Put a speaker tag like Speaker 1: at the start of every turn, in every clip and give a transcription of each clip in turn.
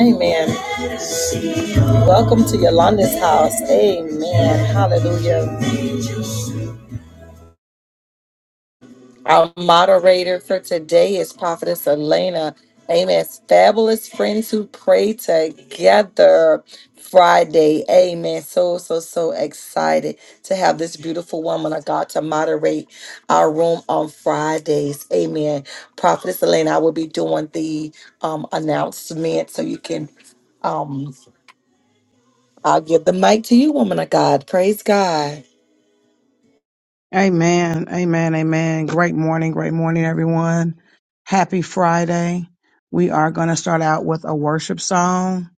Speaker 1: Amen. Welcome to Yolanda's house. Amen. Hallelujah. Our moderator for today is Prophetess Elena. Amen. Fabulous friends who pray together Friday. Amen. So, so, so excited to have this beautiful woman of God to moderate our room on Fridays. Amen. Prophetess Elena, I will be doing the um, announcement so you can, um, I'll give the mic to you, woman of God. Praise God.
Speaker 2: Amen. Amen. Amen. Great morning. Great morning, everyone. Happy Friday. We are going to start out with a worship song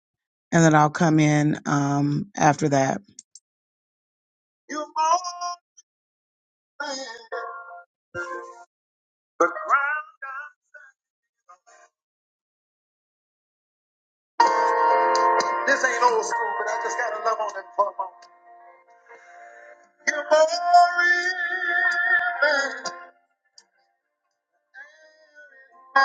Speaker 2: and then I'll come in um, after that. You more than the ground. This ain't old school, but I just got to love on it for a moment. You're more real than I-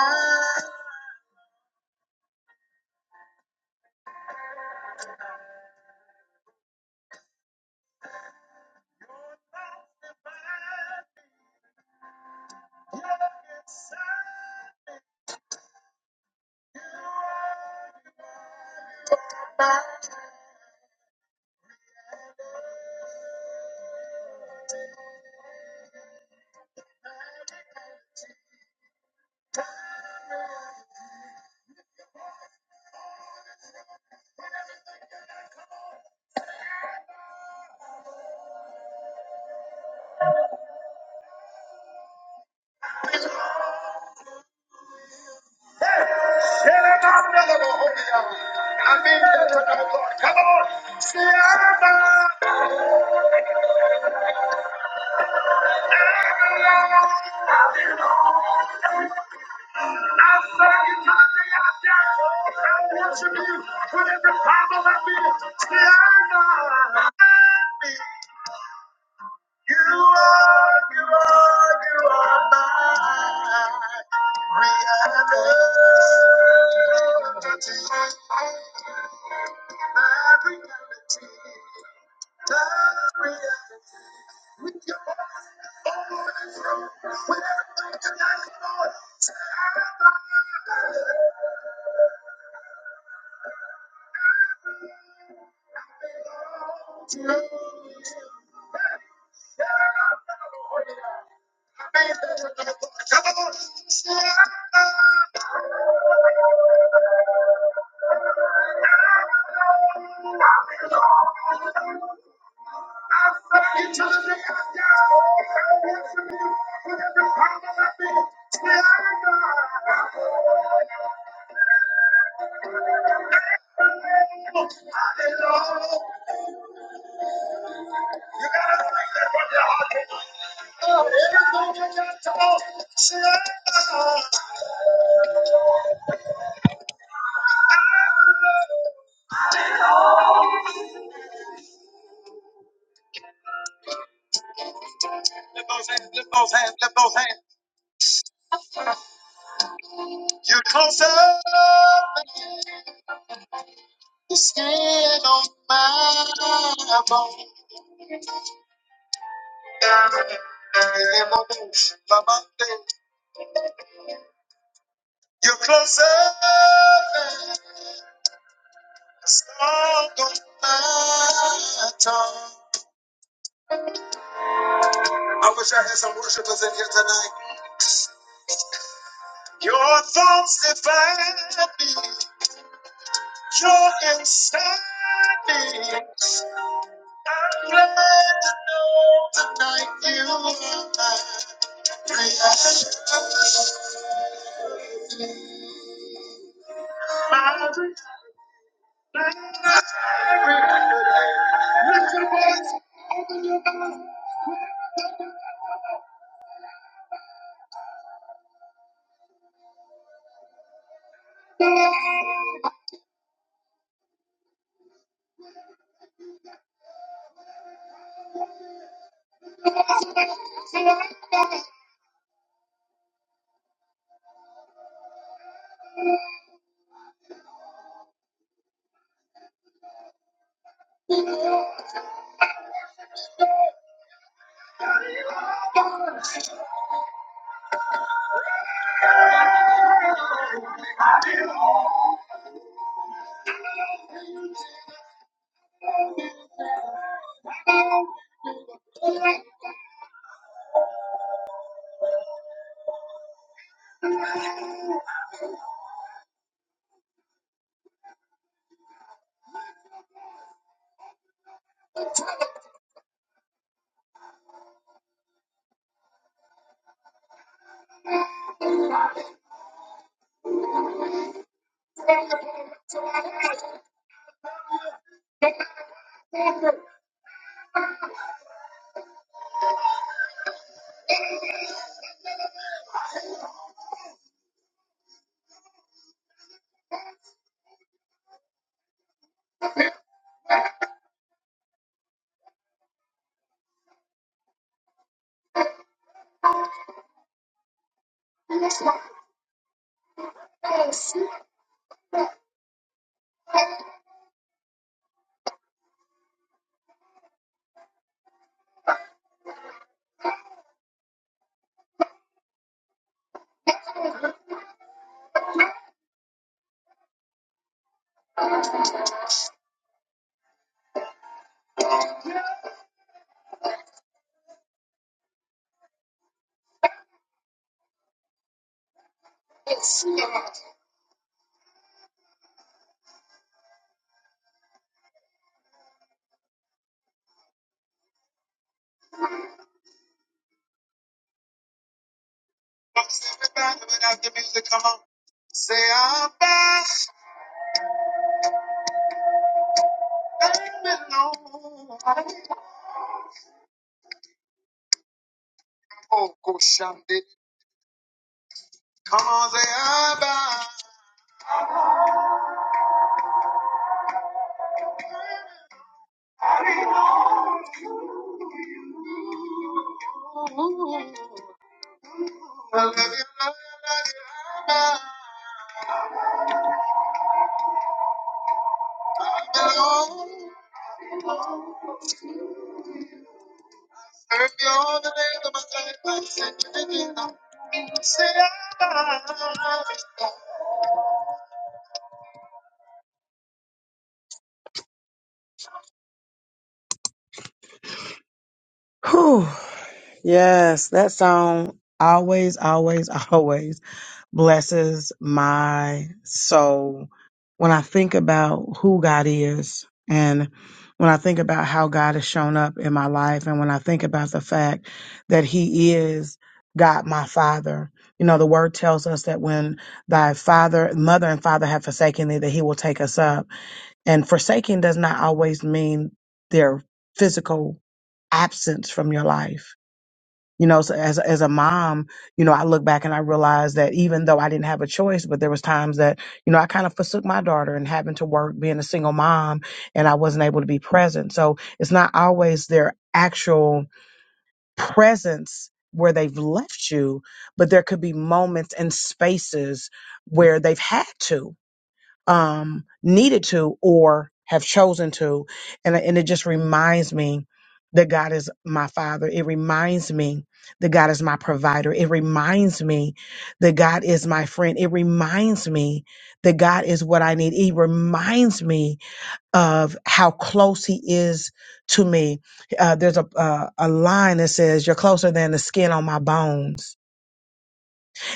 Speaker 2: You're not divine. You're inside. Share I'm in the Lord, God. Come on. Share about I serve you to the day I die. I worship you with every problem I my being. you are, you are, you are my reality. My reality. With your voice. Hallelujah. You gotta bring that from your heart tonight. Oh, everything you got, come on. Say, ah. Lift those hands, lift those hands, lift those hands. You're closer than the skin on my bone. You're closer than the song on my tongue. I wish I had some worshipers in here tonight. Your thoughts define me. Joy and sadness. I'm glad to know tonight you are my reason. Lift your voice, open your mouth. and Almost everybody without the music, come on. Say I'm back, baby, no. Oh, go Shandy. Come on, say I'm back. Ooh, I love you, I love you, I love you, I'm back. Serve you all the days of my life. I said you did not. Say I'm back. Whew. Yes, that song always, always, always. blesses my soul when I think about who God is and when I think about how God has shown up in my life and when I think about the fact that He is God my Father. You know, the word tells us that when thy father, mother and father have forsaken thee, that he will take us up. And forsaking does not always mean their physical absence from your life you know, so as as a mom, you know, I look back and I realize that even though I didn't have a choice, but there was times that, you know, I kind of forsook my daughter and having to work, being a single mom, and I wasn't able to be present. So it's not always their actual presence where they've left you, but there could be moments and spaces where they've had to um, needed to or have chosen to. And, and it just reminds me that God is my father. It reminds me that God is my provider. It reminds me that God is my friend. It reminds me that God is what I need. It reminds me of how close He is to me. Uh, there's a, uh, a, a line that says, You're closer than the skin on my bones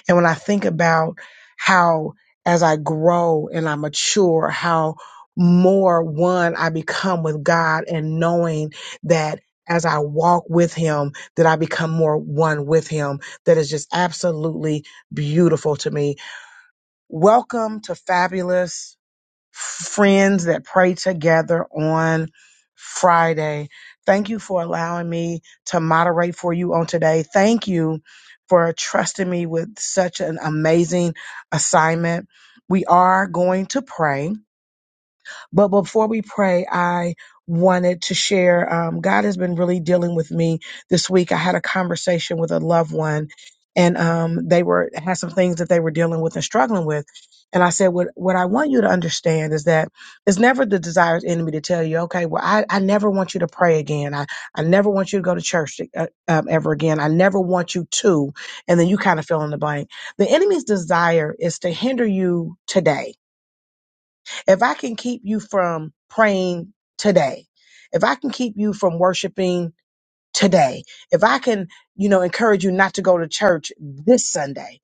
Speaker 2: and when I think about how, as I grow and I mature, how more one I become with God and knowing that as I walk with Him, that I become more one with Him, that is just absolutely beautiful to me. Welcome to Fabulous friends that pray together on Friday. Thank you for allowing me to moderate for you on today. Thank you for trusting me with such an amazing assignment. We are going to pray. But before we pray, I wanted to share um, God has been really dealing with me this week. I had a conversation with a loved one, and um, they were had some things that they were dealing with and struggling with. And I said, what, what I want you to understand is that it's never the desired enemy to tell you, okay, well, I, I never want you to pray again. I, I never want you to go to church uh, um, ever again. I never want you to. And then you kind of fill in the blank. The enemy's desire is to hinder you today if I can keep you from praying today, if I can keep you from worshiping today, if I can, you know, encourage you not to go to church this Sunday,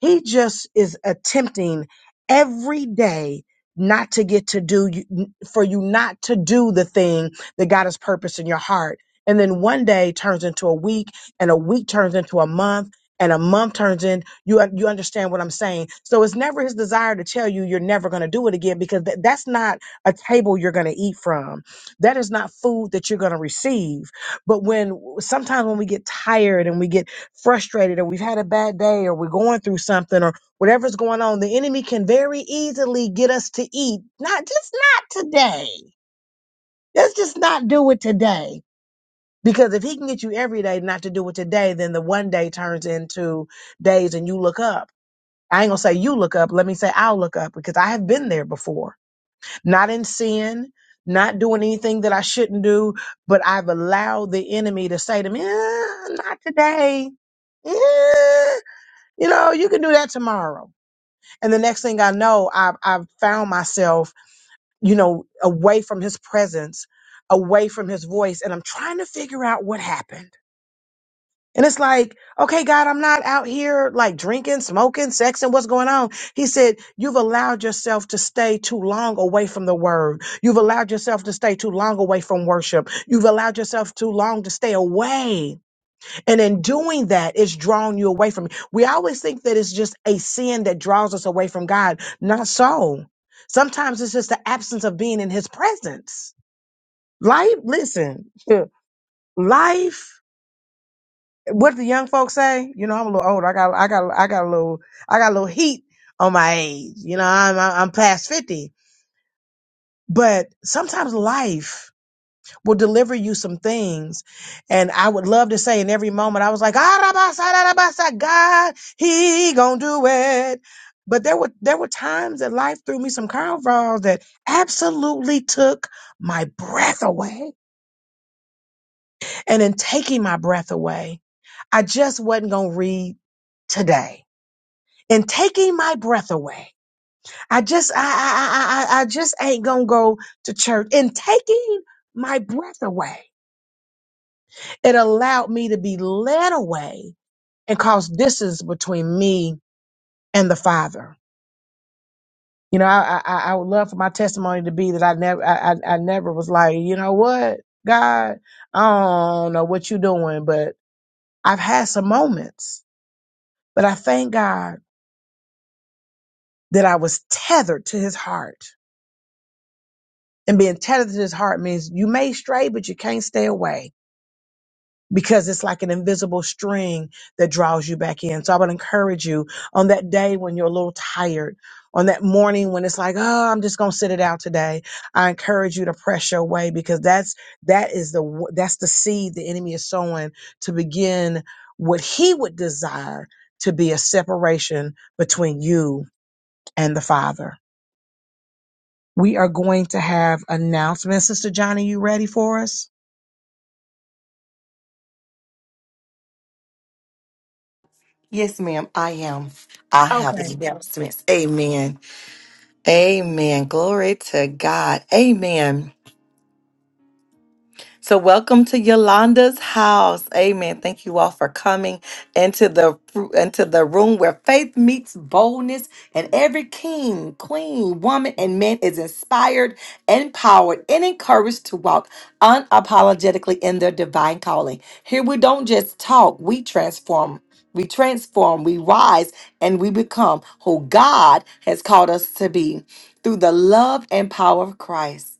Speaker 2: he just is attempting every day not to get to do you- for you not to do the thing that God has purposed in your heart. And then one day turns into a week and a week turns into a month and a month turns in you you understand what I'm saying. So it's never his desire to tell you you're never going to do it again because th- that's not a table you're going to eat from. That is not food that you're going to receive. But when sometimes when we get tired and we get frustrated or we've had a bad day or we're going through something or whatever's going on, the enemy can very easily get us to eat. Not just not today. Let's just not do it today. Because if he can get you every day not to do it today, then the one day turns into days and you look up. I ain't gonna say you look up. Let me say I'll look up because I have been there before. Not in sin, not doing anything that I shouldn't do, but I've allowed the enemy to say to me, "Eh, not today. Eh." you know, you can do that tomorrow. And the next thing I know, I've, I've found myself, you know, away from his presence, away from his voice. And I'm trying to figure out what happened. And it's like, okay, God, I'm not out here like drinking, smoking, sexing. What's going on? He said, you've allowed yourself to stay too long away from the word. You've allowed yourself to stay too long away from worship. You've allowed yourself too long to stay away. And in doing that, it's drawing you away from me. We always think that it's just a sin that draws us away from God. Not so. Sometimes it's just the absence of being in his presence. Life, listen, life, what the young folks say, you know, I'm a little old. I got, I got, I got a little, I got a little heat on my age. You know, I'm, I'm past 50, but sometimes life will deliver you some things. And I would love to say in every moment, I was like, "Arabasa, arabasa, God, he gonna do it. But there were there were times that life threw me some curveballs that absolutely took my breath away. And in taking my breath away, I just wasn't gonna read today. In taking my breath away, I just I I I, I I just ain't gonna go to church. In taking my breath away. It allowed me to be led away and cause distance between me and the Father. You know, I, I, I would love for my testimony to be that I never, I, I, I never was like, you know what, God, I don't know what you're doing, but I've had some moments, but I thank God that I was tethered to His heart. And being tethered to His heart means you may stray, but you can't stay away because it's like an invisible string that draws you back in. So I would encourage you on that day when you're a little tired, on that morning when it's like, oh, I'm just going to sit it out today. I encourage you to press your way because that's that is the w- that's the seed the enemy is sowing to begin what he would desire to be a separation between you and the Father. We are going to have announcements. Sister Johnny, you ready for us?
Speaker 1: Yes, ma'am, I am. I have
Speaker 2: Okay.
Speaker 1: the announcements. Amen. Amen. Glory to God. Amen. So, welcome to Yolanda's house. Amen. Thank you all for coming into the into the room where faith meets boldness, and every king, queen, woman, and man is inspired, empowered, and encouraged to walk unapologetically in their divine calling. Here we don't just talk; we transform. We transform, we rise, and we become who God has called us to be through the love and power of Christ.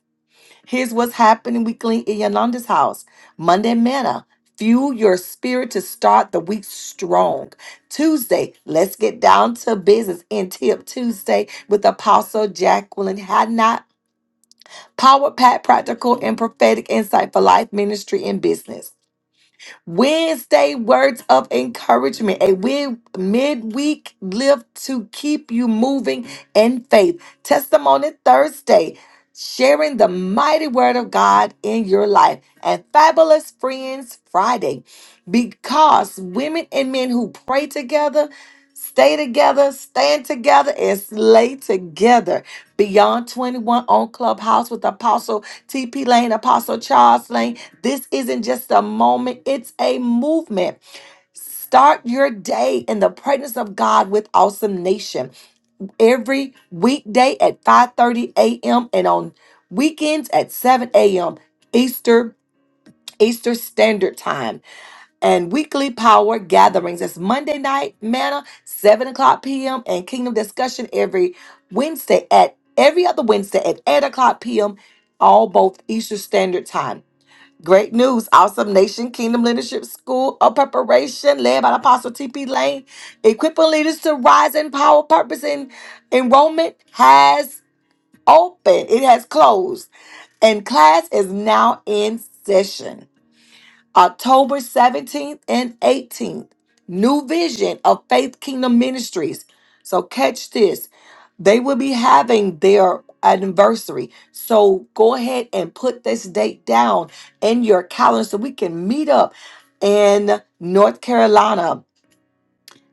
Speaker 1: Here's what's happening weekly in Yananda's house. Monday manna. Fuel your spirit to start the week strong. Tuesday, let's get down to business in Tip Tuesday with Apostle Jacqueline Hadnot. Power Pat Practical and Prophetic Insight for Life Ministry and Business. Wednesday words of encouragement, a wi- midweek lift to keep you moving in faith. Testimony Thursday, sharing the mighty word of God in your life. And Fabulous Friends Friday, because women and men who pray together, stay together, stand together, and slay together. Beyond 21 on Clubhouse with Apostle TP Lane, Apostle Charles Lane. This isn't just a moment, it's a movement. Start your day in the presence of God with Awesome Nation every weekday at 5:30 a.m. and on weekends at 7 a.m. Easter Easter Standard Time and weekly power gatherings. It's Monday night manna, 7 o'clock p.m., and kingdom discussion every Wednesday at every other Wednesday at 8 o'clock p.m., all both Eastern Standard Time. Great news, Awesome Nation Kingdom Leadership School of Preparation, led by Apostle T.P. Lane, equipping leaders to rise in power, purpose, and enrollment has opened. It has closed, and class is now in session. October 17th and 18th. New Vision of Faith Kingdom Ministries. So catch this. They will be having their anniversary. So go ahead and put this date down in your calendar so we can meet up in North Carolina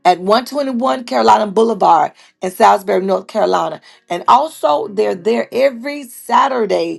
Speaker 1: at 121 Carolina Boulevard in Salisbury, North Carolina. And also they're there every Saturday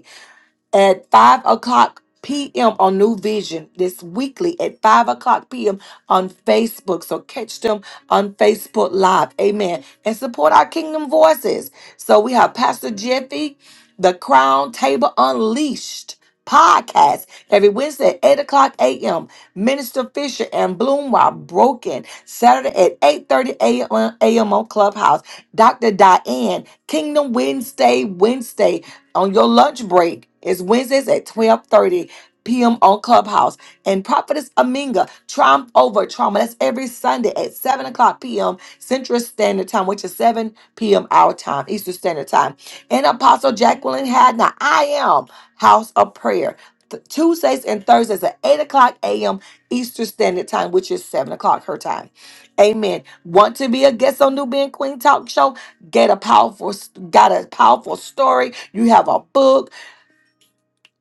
Speaker 1: at 5 o'clock p.m. on New Vision this weekly at 5 o'clock p.m. on Facebook. So catch them on Facebook Live. Amen. And support our Kingdom Voices. So we have Pastor Jeffy, The Crown Table Unleashed podcast every Wednesday at 8 o'clock a.m. Minister Fisher and Bloom while broken. Saturday at 8.30 a.m. on Clubhouse. Dr. Diane, Kingdom Wednesday, Wednesday on your lunch break. It's Wednesdays at 12:30 p.m. on Clubhouse. And Prophetess Aminga, Triumph Over Trauma. That's every Sunday at 7 o'clock p.m. Central Standard Time, which is 7 p.m. our time, Eastern Standard Time. And Apostle Jacqueline Hadna, I am House of Prayer. Th- Tuesdays and Thursdays at 8 o'clock a.m. Eastern Standard Time, which is 7 o'clock her time. Amen. Want to be a guest on New Being Queen Talk Show? get a powerful got a powerful story you have a book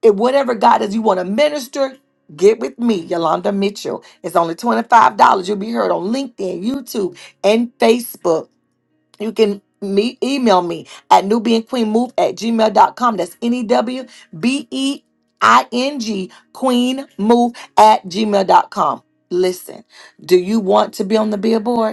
Speaker 1: and whatever god is you want to minister get with me yolanda mitchell it's only $25 you'll be heard on linkedin youtube and facebook you can me email me at nubianqueenmove at gmail dot com. that's n-e-w-b-e-i-n-g queen move at gmail dot com. listen do you want to be on the billboard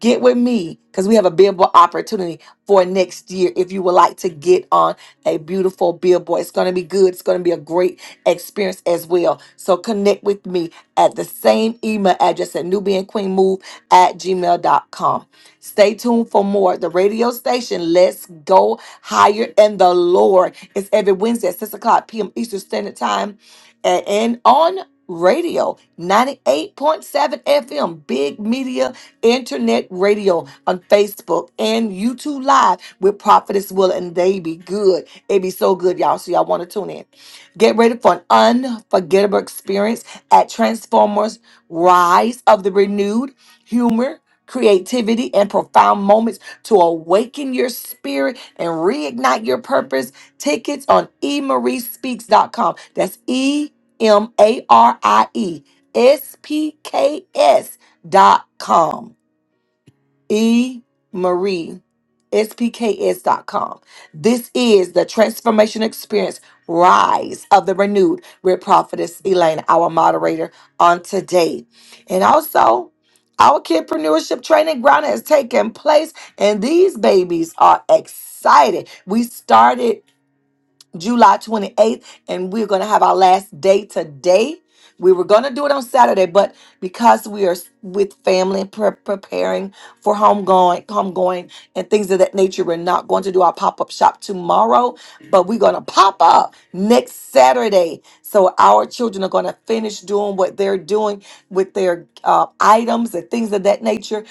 Speaker 1: get with me because we have a billboard opportunity for next year if you would like to get on a beautiful billboard it's going to be good it's going to be a great experience as well so connect with me at the same email address at nubianqueenmove at gmail dot com. stay tuned for more the radio station let's go higher and the lord is every wednesday at 6 o'clock p.m eastern standard time and and on radio 98.7 fm big media internet radio on Facebook and YouTube Live with Prophetess Will, and they be good. It be so good, y'all. So y'all want to tune in. Get ready for an unforgettable experience at Transformers Rise of the Renewed Humor. Creativity and profound moments to awaken your spirit and reignite your purpose. Tickets on e marie speaks dot com. That's E M A R I E S P K S dot com. E. Marie, spks dot com. This is the transformation experience rise of the renewed with prophetess Elaine, our moderator on today. And also, our kidpreneurship training ground has taken place, and these babies are excited. We started. July 28th, and we're going to have our last day today. We were going to do it on Saturday, but because we are s- with family pre- preparing for homegoing, homegoing, and things of that nature, we're not going to do our pop up shop tomorrow, but we're going to pop up next Saturday. So our children are going to finish doing what they're doing with their uh, items and things of that nature.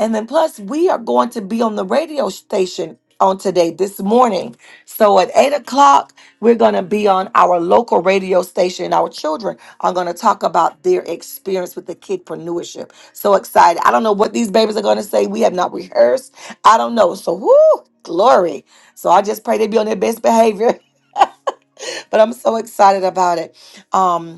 Speaker 1: And then plus, we are going to be on the radio station on today, this morning. So at eight o'clock, we're going to be on our local radio station. Our children are going to talk about their experience with the kidpreneurship. So excited. I don't know what these babies are going to say. We have not rehearsed. I don't know. So, whoo, glory. So, I just pray they be on their best behavior. but I'm so excited about it. Um,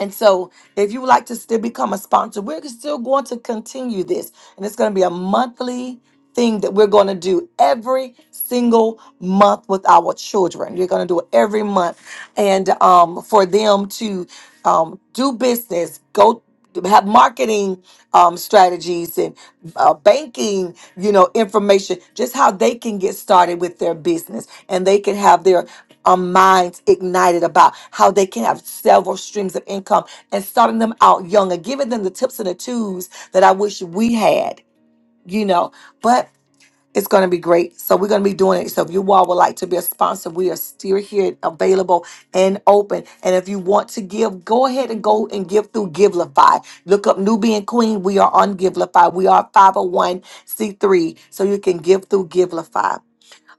Speaker 1: and so, if you would like to still become a sponsor, we're still going to continue this. And it's going to be a monthly thing that we're going to do every single month with our children. You're going to do it every month. And um, for them to um, do business, go have marketing um, strategies and uh, banking, you know, information, just how they can get started with their business and they can have their our minds ignited about how they can have several streams of income and starting them out young and giving them the tips and the tools that I wish we had, you know. But it's going to be great. So we're going to be doing it. So if you all would like to be a sponsor, we are still here available and open. And if you want to give, go ahead and go and give through Givelify. Look up Nubian Queen. We are on Givelify. We are 501c3. So you can give through Givelify.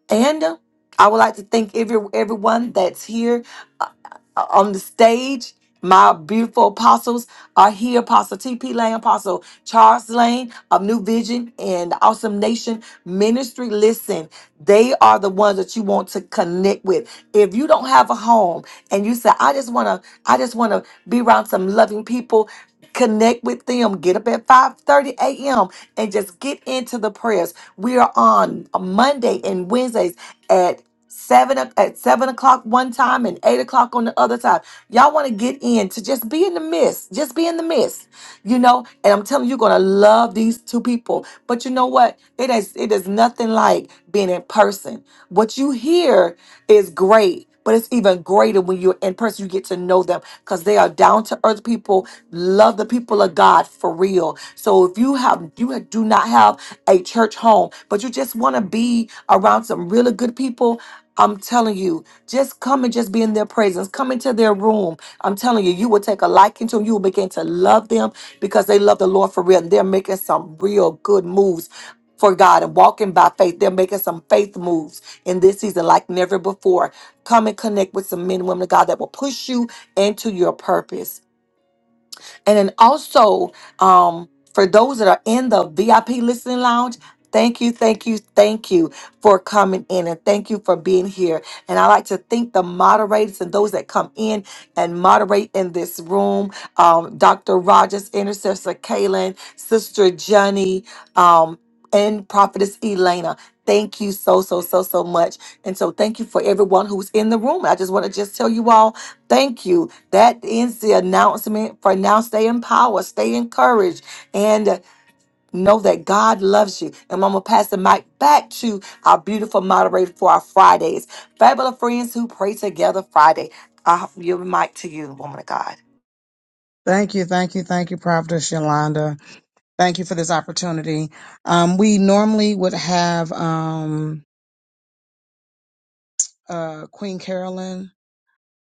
Speaker 1: And uh, I would like to thank every everyone that's here uh, uh, on the stage my beautiful apostles are here Apostle T.P. Lane, Apostle Charles Lane of New Vision and Awesome Nation Ministry. Listen, they are the ones that you want to connect with. If you don't have a home and you say, I just want to, I just want to be around some loving people, connect with them. Get up at 5:30 a.m. and just get into the prayers. We are on Monday and Wednesdays at seven o- at seven o'clock one time and eight o'clock on the other time. Y'all want to get in to just be in the midst, just be in the midst you know, and I'm telling you, you're gonna love these two people. But you know what? It is it is nothing like being in person. What you hear is great, but it's even greater when you're in person. You get to know them because they are down to earth people, love the people of God for real. So if you have you do not have a church home, but you just want to be around some really good people. I'm telling you, just come and just be in their presence. Come into their room. I'm telling you, you will take a liking to them. You will begin to love them because they love the Lord for real and they're making some real good moves for God and walking by faith. They're making some faith moves in this season like never before. Come and connect with some men and women of God that will push you into your purpose. And then also, um, for those that are in the VIP listening lounge, thank you, thank you, thank you for coming in and thank you for being here. And I like to thank the moderators and those that come in and moderate in this room. Um, Dr. Rogers, Intercessor Kaylin, Sister Johnny, um, and Prophetess Elena. Thank you so, so, so, so much. And so thank you for everyone who's in the room. I just want to just tell you all Thank you. That ends the announcement for now. Stay empowered, stay encouraged, and uh, know that God loves you. And I'm going to pass the mic back to our beautiful moderator for our Fridays. Fabulous friends who pray together Friday. I'll give the mic to you, woman of God.
Speaker 2: Thank you, thank you, thank you, Prophetess Yolanda. Thank you for this opportunity. Um, we normally would have um, uh, Queen Carolyn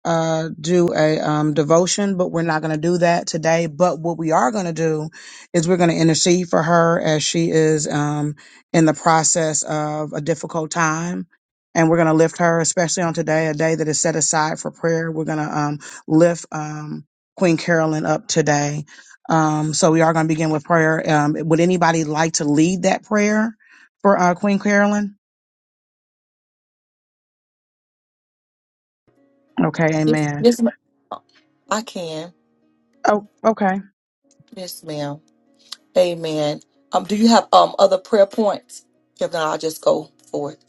Speaker 2: uh, do a um, devotion, but we're not going to do that today. But what we are going to do is we're going to intercede for her as she is um, in the process of a difficult time. And we're going to lift her, especially on today, a day that is set aside for prayer. We're going to um, lift um, Queen Carolyn up today. Um, so we are going to begin with prayer. Um, would anybody like to lead that prayer for uh, Queen Carolyn? Okay,
Speaker 1: Yes,
Speaker 2: amen.
Speaker 1: yes, ma- I can.
Speaker 2: Oh, okay.
Speaker 1: Yes, ma'am. Amen. Um, do you have um other prayer points? If not, I'll just go for it.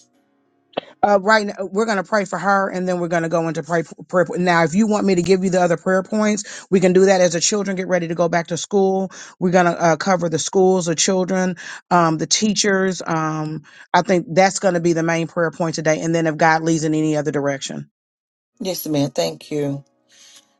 Speaker 2: Uh, right now, we're going to pray for her and then we're going to go into pray, prayer. po- Now, if you want me to give you the other prayer points, we can do that as the children get ready to go back to school. We're going to uh, cover the schools, the children, um, the teachers. Um, I think that's going to be the main prayer point today. And then if God leads in any other direction.
Speaker 1: Yes, ma'am. Thank you.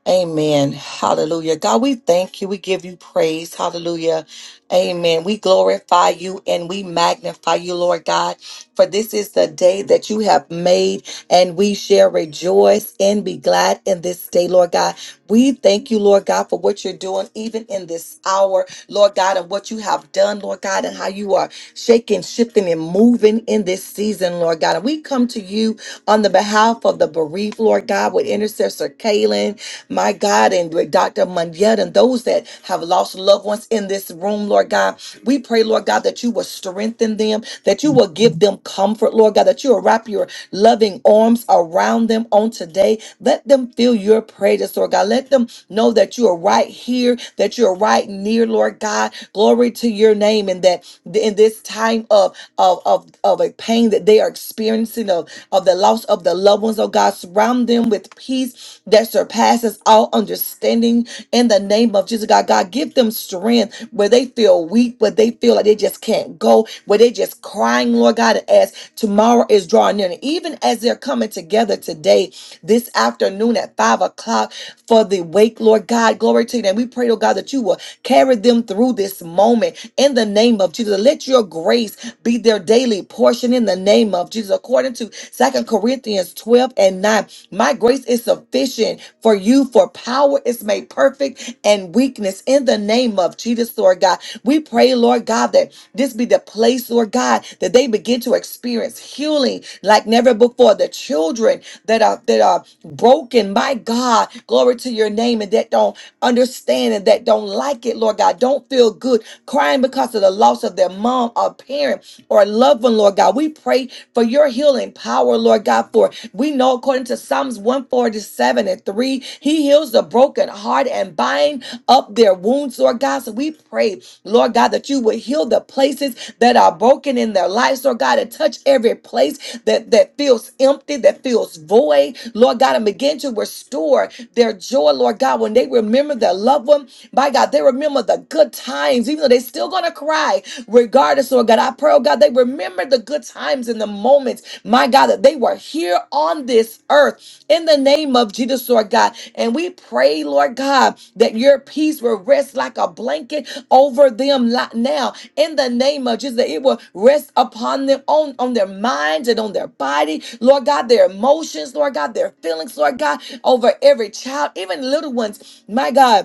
Speaker 1: Amen. Hallelujah. God, we thank you. We give you praise. Hallelujah. Amen. We glorify you and we magnify you, Lord God, for this is the day that you have made, and we shall rejoice and be glad in this day, Lord God. We thank you, Lord God, for what you're doing even in this hour, Lord God, and what you have done, Lord God, and how you are shaking, shifting, and moving in this season, Lord God. And we come to you on the behalf of the bereaved, Lord God, with intercessor Kaylin, my God, and with Dr. Munyet, and those that have lost loved ones in this room, Lord God. We pray, Lord God, that you will strengthen them, that you will give them comfort, Lord God, that you will wrap your loving arms around around them on today. Let them feel your praises, Lord God. Let them know that you are right here, that you're right near, Lord God. Glory to your name, and that in this time of of of, of a pain that they are experiencing of of the loss of the loved ones, oh God, surround them with peace that surpasses all understanding in the name name of Jesus, God. God, give them strength where they feel weak, where they feel like they just can't go, where they just crying, Lord God, as tomorrow is drawing near. And even as they're coming together today, this afternoon at five o'clock for the wake, Lord God, glory to you. And we pray, oh God, that you will carry them through this moment in the name of Jesus. Let your grace be their daily portion in the name of Jesus, according to Second Corinthians 12 and 9. My grace is sufficient for you, for power is made perfect and weakness in the name of Jesus, Lord God. We pray, Lord God, that this be the place, Lord God, that they begin to experience healing like never before. The children that are that are broken, my God, glory to your name, and that don't understanding that don't like it, Lord God, don't feel good, crying because of the loss of their mom or parent or a loved one, Lord God. We pray for your healing power, Lord God, for we know according to Psalms 147 and 3, he heals the broken heart and bind up their wounds, Lord God. So we pray, Lord God, that you would heal the places places that are broken in their lives, Lord God, and touch every place that, that feels empty, that feels void, Lord God, and begin to restore their joy, Lord God, when they remember their loved one. By God, they remember the good times, even though they're still going to cry, regardless, Lord God. I pray, oh God, they remember the good times and the moments, my God, that they were here on this earth in the name of Jesus, Lord God. And we pray, Lord God, that your peace will rest like a blanket over them li- now in the name of Jesus, that it will rest upon them on, on their minds and on their body, Lord God, their emotions, Lord God, their feelings, Lord God, over every child, even little ones, my God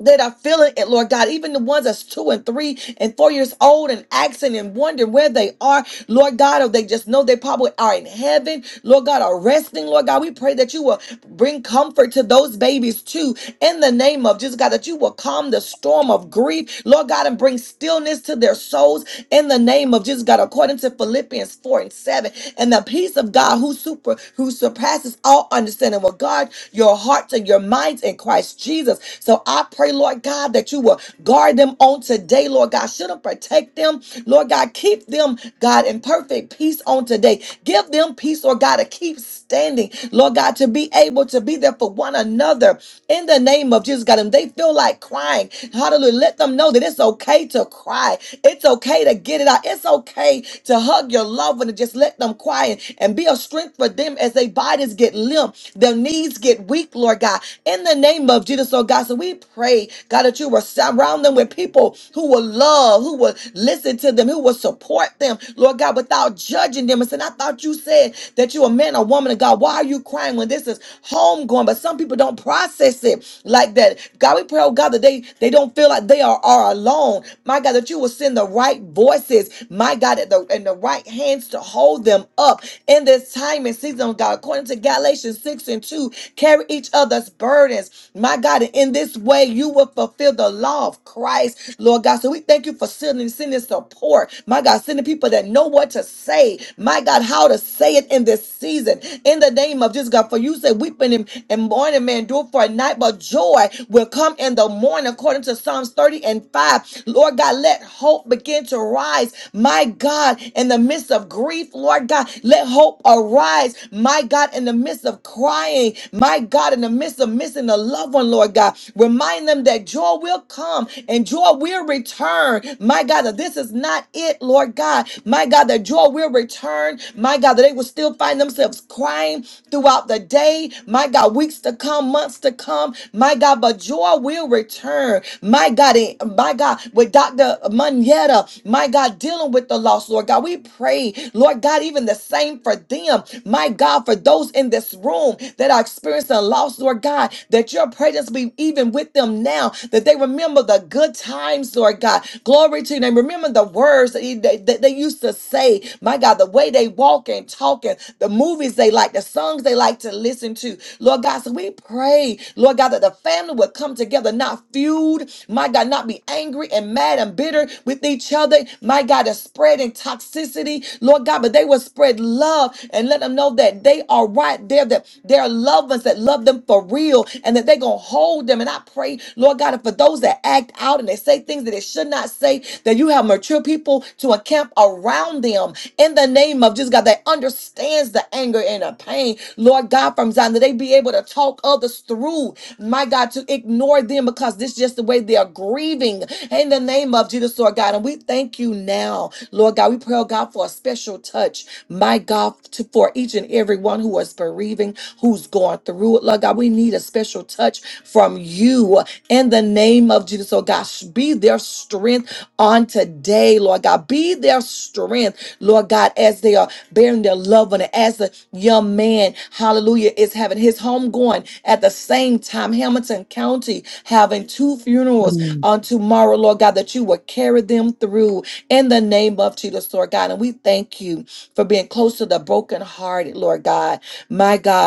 Speaker 1: that are feeling it, Lord God, even the ones that's two and three and four years old and asking and wondering where they are, Lord God, or they just know they probably are in heaven, Lord God, are resting, Lord God. We pray that you will bring comfort to those babies too, in the name of Jesus, God, that you will calm the storm of grief, Lord God, and bring stillness to their souls in the name of Jesus, God, according to Philippians 4 and 7. And the peace of God who super who surpasses all understanding will guard your hearts and your minds in Christ Jesus. So I pray, Lord God, that you will guard them on today, Lord God. Should them protect them, Lord God. Keep them, God, in perfect peace on today. Give them peace, Lord God, to keep standing, Lord God, to be able to be there for one another in the name of Jesus, God. And they feel like crying. Hallelujah. Let them know that it's okay to cry. It's okay to get it out. It's okay to hug your loved one and just let them cry and be a strength for them as their bodies get limp, their knees get weak, Lord God. In the name of Jesus, Lord God, so we pray, God, that you will surround them with people who will love, who will listen to them, who will support them, Lord God, without judging them. And saying, I thought you said that you're a man or woman of God. Why are you crying when this is homegoing? But some people don't process it like that. God, we pray, oh God, that they, they don't feel like they are, are alone. My God, that you will send the right voices my God, at the and the right hands to hold them up in this time and season, oh God. According to Galatians 6 and 2, carry each other's burdens, my God, and in this way you will fulfill the law of Christ, Lord God. So we thank you for sending, sending support, my God, sending people that know what to say, my God, how to say it in this season, in the name of Jesus, God. For you said, weeping and and mourning may endure for a night, but joy will come in the morning, according to Psalms 30. 30 and 5. Lord God, let hope begin to rise. My God, in the midst of grief, Lord God, let hope arise. My God, in the midst of crying, my God, in the midst of missing a loved one, Lord God, remind them that joy will come and joy will return. My God, that this is not it, Lord God. My God, that joy will return. My God, that they will still find themselves crying throughout the day. My God, weeks to come, months to come come, my God, but joy will return. My God, and my God, with Dr. Manetta, my God, dealing with the lost, Lord God, we pray, Lord God, even the same for them, my God, for those in this room that are experiencing loss, Lord God, that your presence be even with them now, that they remember the good times, Lord God. Glory to you. They remember the words that, you- that- that they used to say, my God, the way they walk and talk and the movies they like, like the songs they like to listen to. Lord God, so we pray, Lord God, that the family would come together, not feud, my God, not be angry and mad and bitter with each other, my God, is spreading toxicity, Lord God, but they will spread love and let them know that they are right there, that there are loved ones that love them for real and that they're going to hold them. And I pray, Lord God, and for those that act out and they say things that they should not say, that you have mature people to encamp around them them in the name of Jesus, God, that understands the anger and the pain, Lord God, from Zion, that they be able to talk others through, my God, to ignore them because this is just the way they are grieving in the name of Jesus, Lord God. And we thank you now, Lord God. We pray, oh God, for a special touch, my God, to, for each and every one who is bereaving, who's going through it, Lord God. We need a special touch from you in the name of Jesus, oh God. Be their strength on today, Lord God. Be their strength Lord God, as they are bearing their loved one, and as the young man, hallelujah, is having his home going at the same time, Hamilton County having two funerals on tomorrow, Lord God, that you will carry them through in the name of Jesus, Lord God. And we thank you for being close to the brokenhearted, Lord God. My God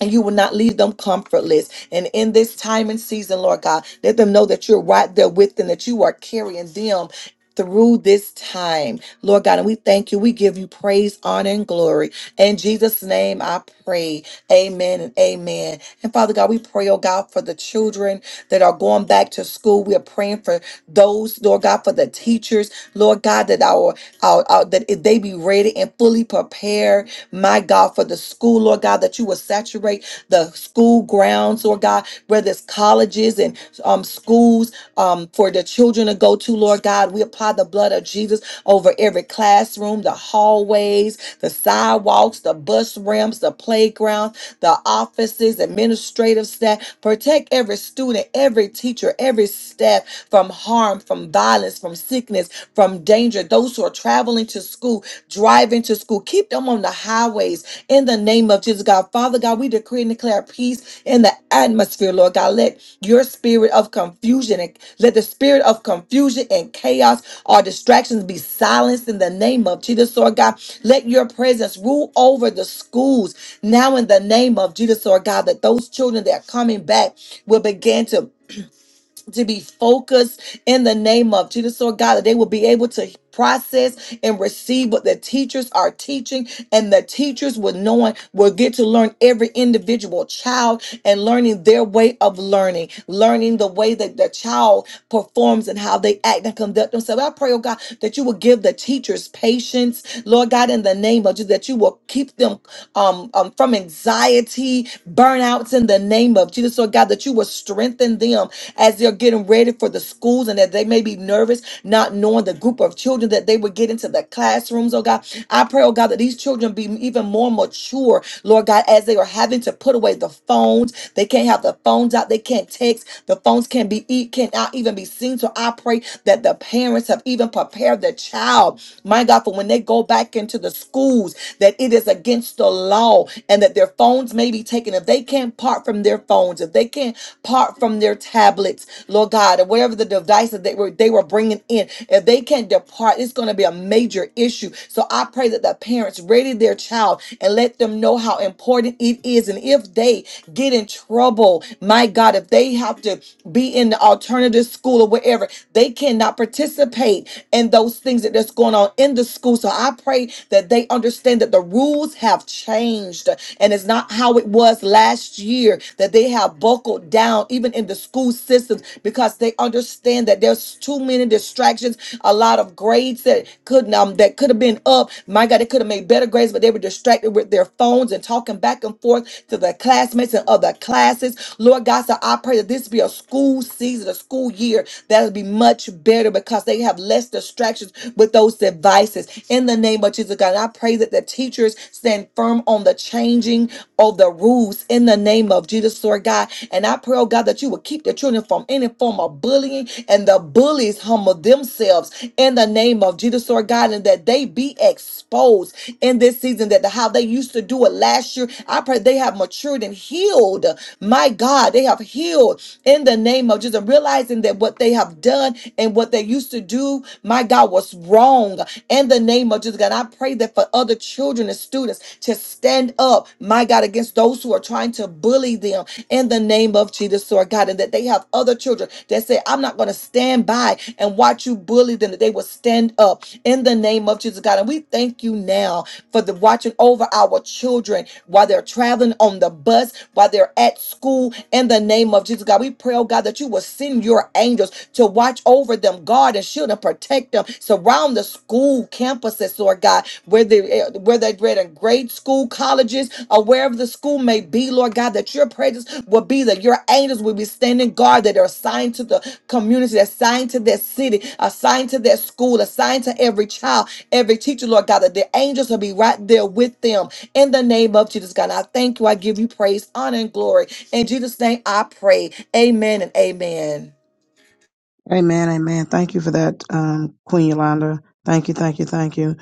Speaker 1: and you will not leave them comfortless. And in this time and season, Lord God, let them know that you're right there with them, that you are carrying them through this time, Lord God. And we thank you. We give you praise, honor, and glory. In Jesus' name, I pray. Amen and amen. And Father God, we pray, oh God, for the children that are going back to school. We are praying for those, Lord God, for the teachers, Lord God, that our, our, our that they be ready and fully prepared my God, for the school, Lord God, that you will saturate the school grounds, Lord God, whether it's colleges and um, schools um, for the children to go to, Lord God. We apply the blood of Jesus over every classroom, the hallways, the sidewalks, the bus ramps, the playgrounds, the offices, administrative staff. Protect every student, every teacher, every staff from harm, from violence, from sickness, from danger. Those who are traveling to school, driving to school. Keep them on the highways in the name of Jesus, God. Father God, we decree and declare peace in the atmosphere, Lord God. Let your spirit of confusion and let the spirit of confusion and chaos or distractions be silenced in the name of Jesus, Lord God. Let your presence rule over the schools now in the name of Jesus, Lord God, that those children that are coming back will begin to to be focused in the name of Jesus, Lord God, that they will be able to process and receive what the teachers are teaching, and the teachers will knowing will get to learn every individual child and learning their way of learning, learning the way that the child performs and how they act and conduct themselves. I pray, oh God, that you will give the teachers patience, Lord God, in the name of Jesus, that you will keep them um, um, from anxiety, burnouts in the name of Jesus, Lord God, that you will strengthen them in them as they're getting ready for the schools and that they may be nervous, not knowing the group of children that they would get into the classrooms, oh God. I pray, oh God, that these children be even more mature, Lord God, as they are having to put away the phones. They can't have the phones out, they can't text, the phones can't be eat, cannot even be seen. So I pray that the parents have even prepared the child, my God, for when they go back into the schools, that it is against the law and that their phones may be taken. If they can't park part from their phones, if they can't part from their tablets, Lord God, or whatever the device that they were they were bringing in, if they can't depart, it's going to be a major issue. So I pray that the parents ready their child and let them know how important it is. And if they get in trouble, my God, if they have to be in the alternative school or wherever, they cannot participate in those things that that's going on in the school. So I pray that they understand that the rules have changed. And it's not how it was last year that they have buckled down, even in the school systems, because they understand that there's too many distractions. A lot of grades that couldn't um that could have been up. My God, they could have made better grades, but they were distracted with their phones and talking back and forth to their classmates and other classes. Lord God, so I pray that this be a school season, a school year that'll be much better because they have less distractions with those devices. In the name of Jesus, God, I pray that it that teachers stand firm on the changing of the rules in the name of Jesus, Lord God. And I pray, oh God, that you would keep the children from any form of bullying and the bullies humble themselves in the name of Jesus, Lord God, and that they be exposed in this season, that how they used to do it last year. I pray they have matured and healed. My God, they have healed in the name of Jesus, realizing that what they have done and what they used to do, my God, was wrong in the name of Jesus. God, I pray that for other children and students to stand up, my God, against those who are trying to bully them in the name of Jesus, Lord God, and that they have other children that say, I'm not going to stand by and watch you bully them, that they will stand up in the name of Jesus, God. And we thank you now for the watching over our children while they're traveling on the bus, while they're at school, in the name of Jesus, God. We pray, oh God, that you will send your angels to watch over them, God guard and shield and protect them. Surround the school campuses, Lord God, where they eh, where they read in grade school, colleges, or wherever the school may be, Lord God, that your presence will be there. Your angels will be standing guard that are assigned to the community, assigned to their city, assigned to their school, assigned to every child, every teacher, Lord God, that the angels will be right there with them. In the name of Jesus, God, and I thank you. I give you praise, honor, and glory. In Jesus' name, I pray. Amen and amen.
Speaker 2: Amen, amen. Thank you for that, um, Queen Yolanda. Thank you, thank you, thank you.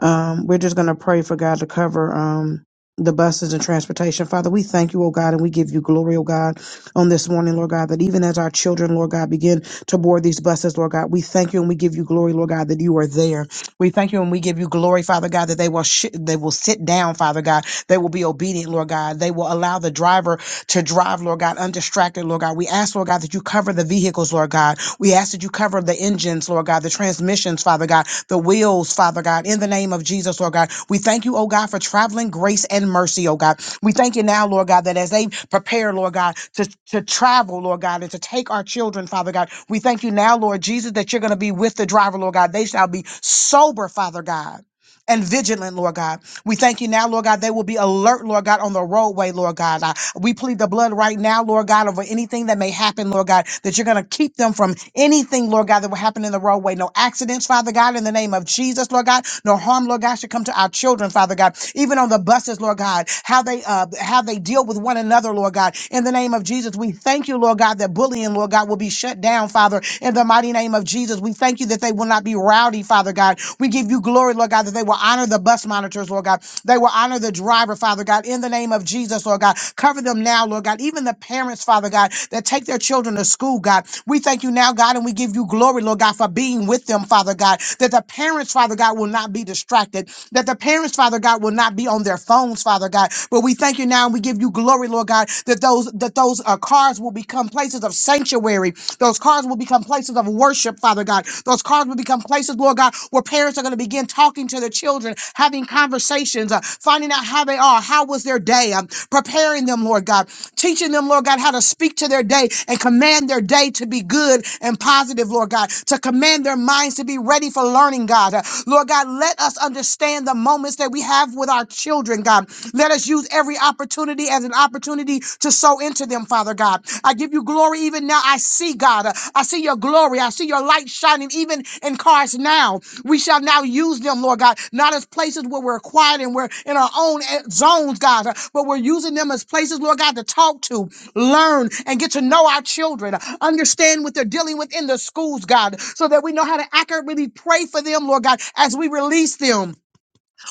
Speaker 2: Um, we're just going to pray for God to cover um, the buses and transportation. Father, we thank you, oh God, and we give you glory, oh God, on this morning, Lord God, that even as our children, Lord God, begin to board these buses, Lord God, we thank you and we give you glory, Lord God, that you are there. We thank you and we give you glory, Father God, that they will sh- they will sit down, Father God. They will be obedient, Lord God. They will allow the driver to drive, Lord God, undistracted, Lord God. We ask, Lord God, that you cover the vehicles, Lord God. We ask that you cover the engines, Lord God, the transmissions, Father God, the wheels, Father God, in the name of Jesus, Lord God. We thank you, oh God, for traveling grace and mercy, oh God. We thank you now, Lord God, that as they prepare, Lord God, to, to travel, Lord God, and to take our children, Father God, we thank you now, Lord Jesus, that you're going to be with the driver, Lord God. They shall be sober, Father God. And vigilant, Lord God. We thank you now, Lord God, they will be alert, Lord God, on the roadway, Lord God. Uh, we plead the blood right now, Lord God, over anything that may happen, Lord God, that you're going to keep them from anything, Lord God, that will happen in the roadway. No accidents, Father God, in the name of Jesus, Lord God. No harm, Lord God, should come to our children, Father God. Even on the buses, Lord God, how they uh, how they deal with one another, Lord God. In the name of Jesus, we thank you, Lord God, that bullying, Lord God, will be shut down, Father. In the mighty name of Jesus, we thank you that they will not be not be rowdy, Father God. We give you glory, Lord God, that they will honor the bus monitors, Lord God. They will honor the driver, Father God, in the name of Jesus, Lord God. Cover them now, Lord God. Even the parents, Father God, that take their children to school, God. We thank you now, God, and we give you glory, Lord God, for being with them, Father God. That the parents, Father God, will not be distracted. That the parents, Father God, will not be on their phones, Father God. But we thank you now and we give you glory, Lord God, that those that those uh, cars will become places of sanctuary. Those cars will become places of worship, Father God. Those cars will become places, Lord God, where parents are going to begin talking to their children, having conversations, uh, finding out how they are, how was their day, um, preparing them, Lord God, teaching them, Lord God, how to speak to their day and command their day to be good and positive, Lord God, to command their minds to be ready for learning, God. Uh, Lord God, let us understand the moments that we have with our children, God. Let us use every opportunity opportunity as an opportunity to sow into them, Father God. I give you glory even now. I see, God. uh, I see your glory. I see your light shining even in cars now. We shall now use them, Lord God, not as places where we're quiet and we're in our own eh, zones, God, uh, but we're using them as places, Lord God, to talk to, learn, and get to know our children, uh, understand what they're dealing with in the schools, God, so that we know how to accurately pray for them, Lord God, as we release them.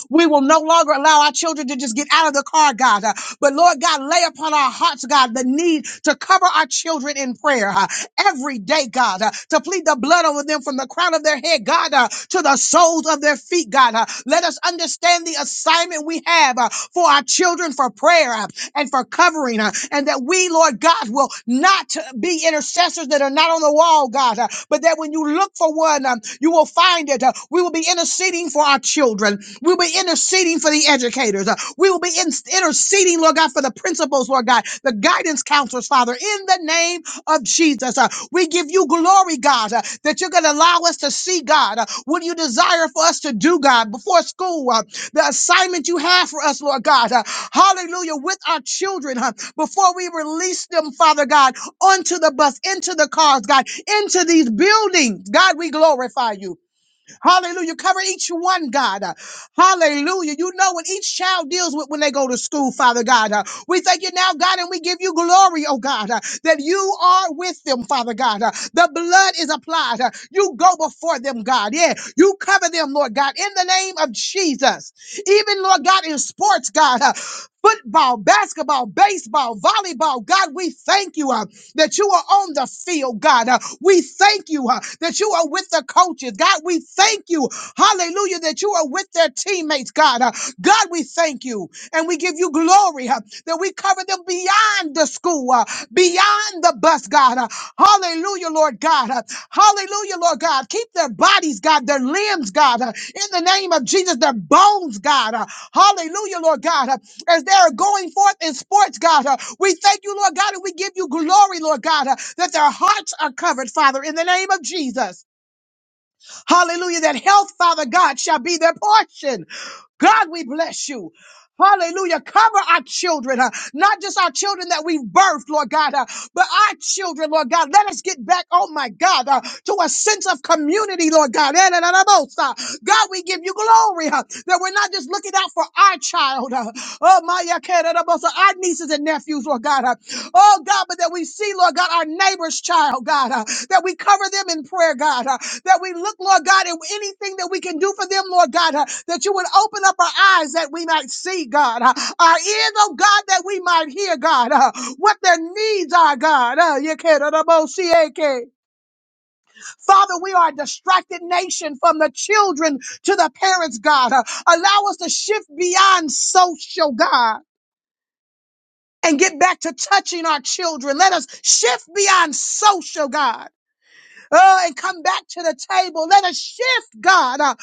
Speaker 2: We will no longer allow our children to just get out of the car, God. Uh, But Lord God, lay upon our hearts, God, the need to cover our children in prayer uh, every day, God, uh, to plead the blood over them from the crown of their head, God, uh, to the soles of their feet, God. uh. Let us understand the assignment we have uh, for our children for prayer. Uh, and for covering her. And that we, Lord God, will not be intercessors that are not on the wall, God, uh, but that when you look for one, um, you will find it. Uh, we will be interceding for our children. We'll be interceding for the educators. Uh, we will be in- interceding, Lord God, for the principals, Lord God, the guidance counselors, Father, in the name of Jesus. Uh, we give you glory, God, uh, that you're going to allow us to see, God, uh, what you desire for us to do, God, before school. uh, the assignment you have for us, Lord God. Uh, hallelujah. With our children, huh, before we release them, Father God, onto the bus, into the cars, God, into these buildings. God, we glorify you. Hallelujah. Cover each one, God. uh, Hallelujah. You know what each child deals with when they go to school, Father God. Uh, we thank you now, God, and we give you glory, oh God, uh, that you are with them, Father God. Uh, the blood is applied. Uh, you go before them, God. Yeah. You cover them, Lord God, in the name of Jesus. Even, Lord God, in sports, God. uh, Football, basketball, baseball, volleyball. God, we thank you uh, that you are on the field, God. Uh, we thank you uh, that you are with the coaches. God, we thank you you, hallelujah, that you are with their teammates, God. Uh, God, we thank you and we give you glory uh, that we cover them beyond the school, uh, beyond the bus, God. Uh, hallelujah, Lord God. Uh, hallelujah, Lord God. Keep their bodies, God, their limbs, God, uh, in the name of Jesus, their bones, God. Uh, hallelujah, Lord God. Uh, as they are going forth in sports, God, uh, we thank you, Lord God, and we give you glory, Lord God, uh, that their hearts are covered, Father, in the name of Jesus. Hallelujah. That health, Father God, shall be their portion. God, we bless you. Hallelujah. Cover our children, uh, not just our children that we've birthed, Lord God, uh, but our children, Lord God. Let us get back, oh my God, uh, to a sense of community, Lord God. Eh, na, na, na, most, uh, God, we give you glory uh, that we're not just looking out for our child, uh, oh my, yeah, care, na, na, most, uh, our nieces and nephews, Lord God. uh, Oh God, but that we see, Lord God, our neighbor's child, God, uh, that we cover them in prayer, God, uh, that we look, Lord God, at anything that we can do for them, Lord God, uh, that you would open up our eyes that we might see, God, uh, our ears, oh God, that we might hear, God, uh, what their needs are, God. Uh, you can't, uh, the see, okay. Father, we are a distracted nation from the children to the parents, God. Uh, allow us to shift beyond social, God and get back to touching our children. Let us shift beyond social, God, uh, and come back to the table. Let us shift, God, uh,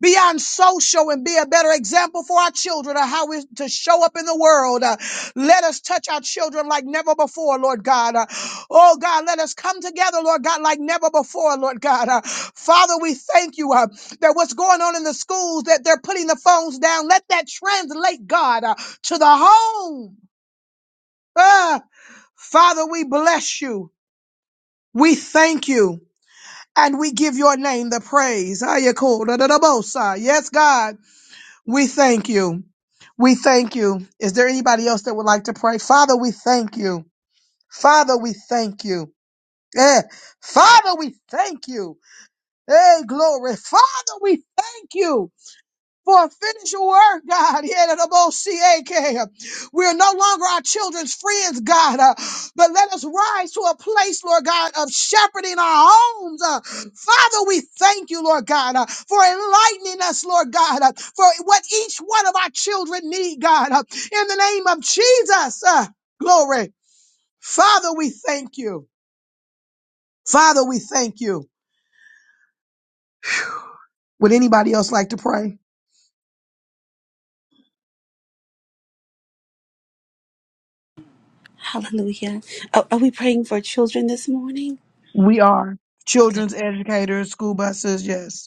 Speaker 2: beyond social and be a better example for our children of how we to show up in the world. Uh, let us touch our children like never before, Lord God. Uh, oh God, let us come together, Lord God, like never before, Lord God. Uh, Father, we thank you uh, that what's going on in the schools, that they're putting the phones down. Let that translate, God, uh, to the home. Uh, Father, we bless you. We thank you. And we give your name the praise. Ayakodadadabosa. Yes, God, we thank you. We thank you. Is there anybody else that would like to pray? Father, we thank you. Father, we thank you. Eh. Father, we thank you. Hey, glory. Father, we thank you. for a finished work, God. Yedadaboshiyeke. We are no longer our children's friends, God, uh, but let us rise to a place, Lord God, of shepherding our homes. uh. Father, we thank you, Lord God, uh, for enlightening us, Lord God, uh, for what each one of our children need, God, uh, in the name of Jesus. uh, glory. Father, we thank you. Father, we thank you. Would anybody else like to pray?
Speaker 3: Hallelujah. Oh, are we praying for children this morning?
Speaker 2: We are
Speaker 3: Okay.
Speaker 2: children's educators, school buses, yes.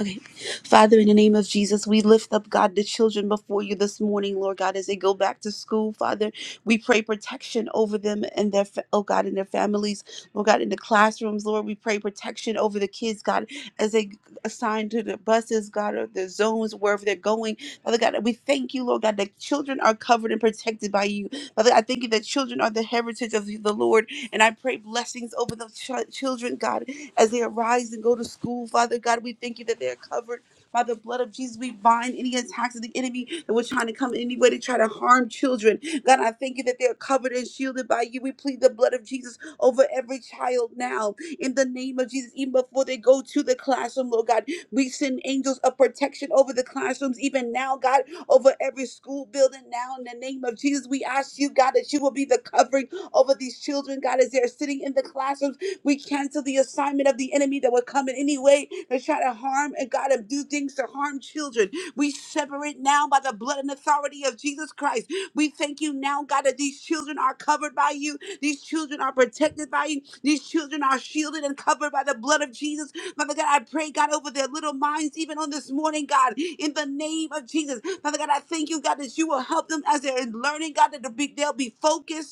Speaker 3: Okay. Father, in the name of Jesus, we lift up, God, the children before you this morning, Lord God, as they go back to school. Father, we pray protection over them and their, fa- oh God, and their families, Lord God, in the classrooms, Lord. We pray protection over the kids, God, as they assign to the buses, God, or the zones, wherever they're going. Father God, we thank you, Lord God, that children are covered and protected by you. Father, I thank you that children are the heritage of the Lord, and I pray blessings over the ch- children, God, as they arise and go to school. Father God, we thank you that they are covered by the blood of Jesus. We bind any attacks of the enemy that were trying to come in any way to try to harm children. God, I thank you that they are covered and shielded by you. We plead the blood of Jesus over every child now in the name of Jesus, even before they go to the classroom, Lord God. We send angels of protection over the classrooms, even now, God, over every school building now. In the name of Jesus, we ask you, God, that you will be the covering over these children, God, as they're sitting in the classrooms. We cancel the assignment of the enemy that would come in any way to try to harm and God and do things to harm children. We separate now by the blood and authority of Jesus Christ. We thank you now, God, that these children are covered by you. These children are protected by you. These children are shielded and covered by the blood of Jesus. Father God, I pray, God, over their little minds, even on this morning, God, in the name of Jesus. Father God, I thank you, God, that you will help them as they're learning, God, that they'll be they'll be focused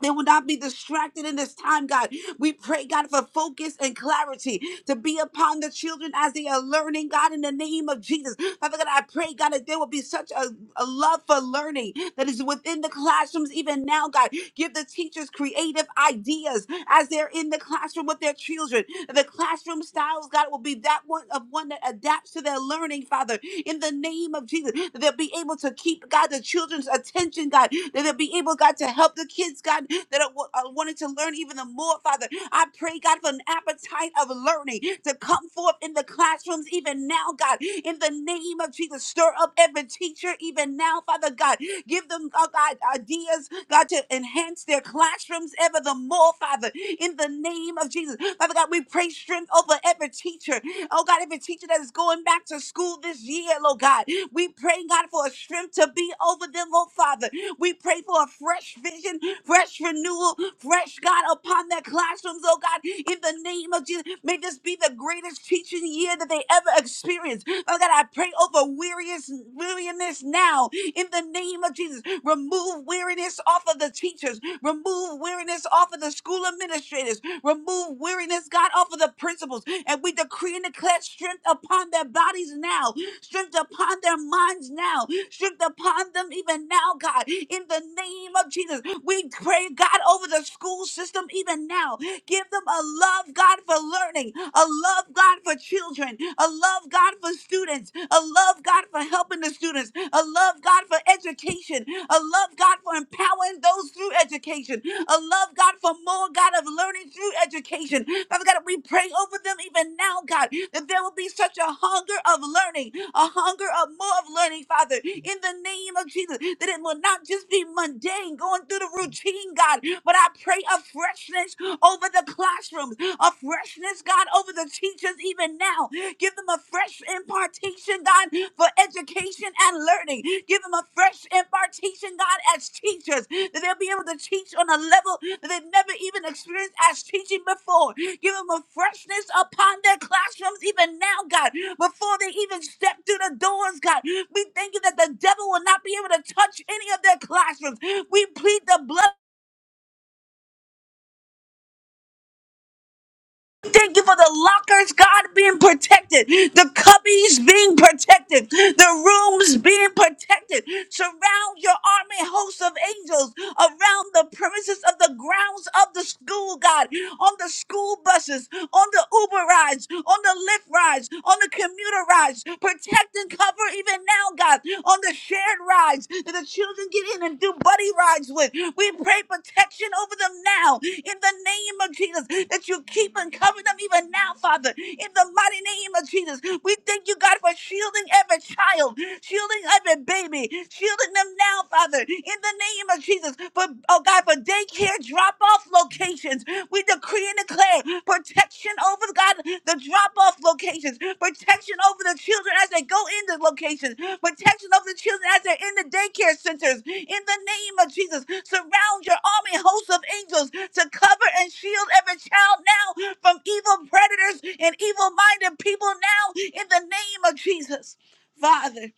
Speaker 3: they will not be distracted in this time, God. We pray, God, for focus and clarity to be upon the children as they are learning, God, in the name of Jesus. Father God, I pray, God, that there will be such a, a love for learning that is within the classrooms even now, God. Give the teachers creative ideas as they're in the classroom with their children. The classroom styles, God, will be that one of one that adapts to their learning, Father, in the name of Jesus. That they'll be able to keep, God, the children's attention, God. That they'll be able, God, to help the kids, God, that are, are wanting to learn even the more, Father. I pray, God, for an appetite of learning to come forth in the classrooms even now, God. In the name of Jesus, stir up every teacher even now, Father God. Give them, oh God, ideas, God, to enhance their classrooms ever the more, Father, in the name of Jesus. Father God, we pray strength over every teacher. Oh God, every teacher that is going back to school this year, Lord God. We pray, God, for a strength to be over them, oh Father. We pray for a fresh vision, fresh renewal, fresh God upon their classrooms, oh God, in the name of Jesus. May this be the greatest teaching year that they ever experience. Oh God, I pray over weariness, weariness now in the name of Jesus. Remove weariness off of the teachers. Remove weariness off of the school administrators. Remove weariness, God, off of the principals. And we decree and declare strength upon their bodies now, strength upon their minds now, strength upon them even now, God. In the name of Jesus, we pray, God, over the school system even now. Give them a love, God, for learning, a love, God, for children, a love, God, for students, a love, God, for helping the students, a love, God, for education, a love, God, for empowering those through education, a love, God, for more, God, of learning through education. Father God, we pray over them even now, God, that there will be such a hunger of learning, a hunger of more of learning, Father, in the name of Jesus, that it will not just be mundane going through the routine, God, but I pray of freshness over the classrooms, a freshness, God, over the teachers even now. Give them a fresh impartation, God, for education and learning. Give them a fresh impartation, God, as teachers, that they'll be able to teach on a level that they've never even experienced as teaching before. Give them a freshness upon their classrooms even now, God, before they even step through the doors, God. We thank you that the devil will not be able to touch any of their classrooms. We plead the blood. Thank you for the lockers, God, being protected, the cubbies being protected, the rooms being protected. Surround your army hosts of angels around the premises of the grounds of the school, God, on the school buses, on the Uber rides, on the Lyft rides, on the commuter rides. Protect and cover even now, God, on the the shared rides that the children get in and do buddy rides with. We pray protection over them now in the name of Jesus that you keep and cover them even now, Father, in the mighty name of Jesus. We thank you, God, for shielding every child, shielding every baby, shielding them now, Father, in the name of Jesus. For, oh God, for daycare drop off locations, locations. We decree and declare protection over God, the drop off locations, protection over the children as they go in the locations, protection over the children as they're in the daycare centers. In the name of Jesus, surround your army hosts of angels to cover and shield every child now from evil predators and evil minded people now in the name of Jesus. Father.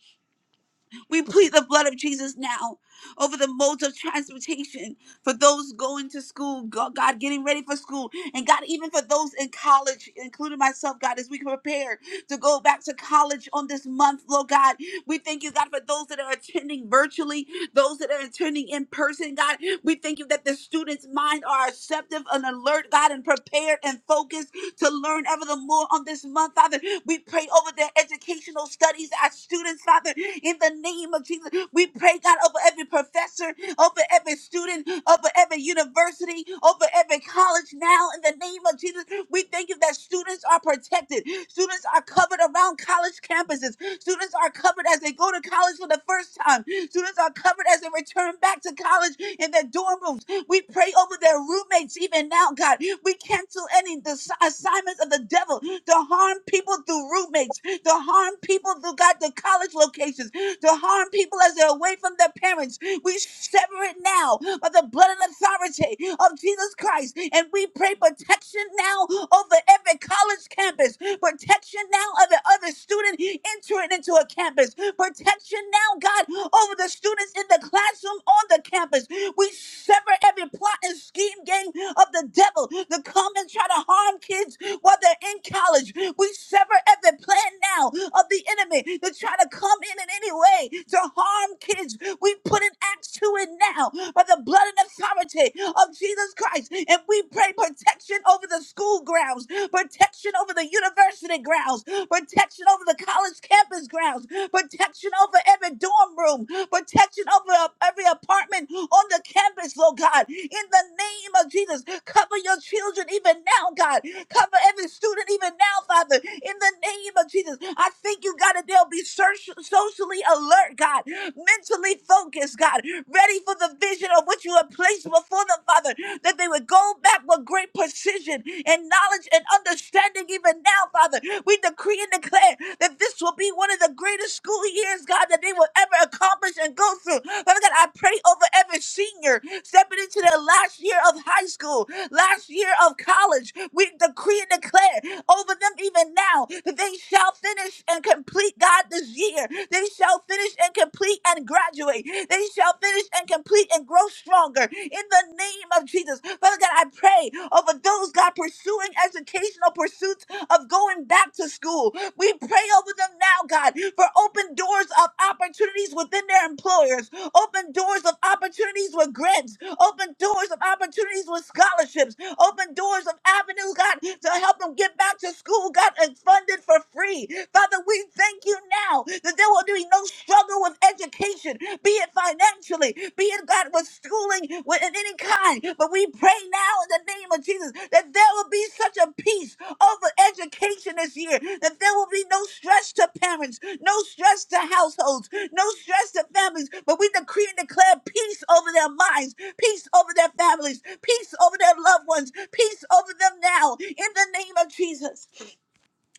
Speaker 3: We plead the blood of Jesus now over the modes of transportation for those going to school, Go- God, getting ready for school, and God, even for those in college, including myself, God, as we prepare to go back to college on this month, Lord God, we thank you, God, for those that are attending virtually, those that are attending in person, God, we thank you that the students' minds are receptive and alert, God, and prepared and focused to learn ever the more on this month, Father. We pray over their educational studies, our students, Father, in the name of Jesus. We pray, God, over every professor over every student, over every university, over every college now in the name of Jesus. We thank you that students are protected. Students are covered around college campuses. Students are covered as they go to college for the first time. Students are covered as they return back to college in their dorm rooms. We pray over their roommates even now, God. We cancel any dis- assignments of the devil to harm people through roommates, to harm people through God, the college locations to harm people as they're away from their parents. We sever it now by the blood and authority of Jesus Christ. And we pray protection now over every college campus, protection now of the other student entering into a campus, protection now, God, over the students in the classroom on the campus. We sever every plot and scheme game of the devil to come and try to harm kids while they're in college. We sever every plan now of the enemy to try to come in in any way to harm kids. We put an axe to it now by the blood and authority of Jesus Christ. And we pray protection over the school grounds, protection over the university grounds, protection over the college campus grounds, protection over every dorm room, protection over uh, every apartment on the campus, Lord God. In the name of Jesus, cover your children even now, God. Cover every student even now, Father. In the name of Jesus, I thank you, God, that they'll be search- socially alert, God, mentally focused, God, ready for the vision of what you have placed before them, Father, that they would go back with great precision and knowledge and understanding even now, Father. We decree and declare that this will be one of the greatest school years, God, that they will ever accomplish and go through. Father God, I pray over every senior stepping into their last year of high school, last year of college. We decree and declare over them even now that they shall finish and complete, God, this year. They shall finish and complete and graduate. They shall finish and complete and grow stronger in the name of Jesus. Father God, I pray over those, God, pursuing educational pursuits of going back to school. We pray over them now, God, for open doors of opportunities within their employers, open doors of opportunities with grants, open doors of opportunities with scholarships, open doors of avenues, God, to help them get back to school, God, and funded for free. Father, we thank you now that there will be no those struggle with education, be it financially, be it God with schooling with in any kind. But we pray now in the name of Jesus that there will be such a peace over education this year, that there will be no stress to parents, no stress to households, no stress to families. But we decree and declare peace over their minds, peace over their families, peace over their loved ones, peace over them now in the name of Jesus.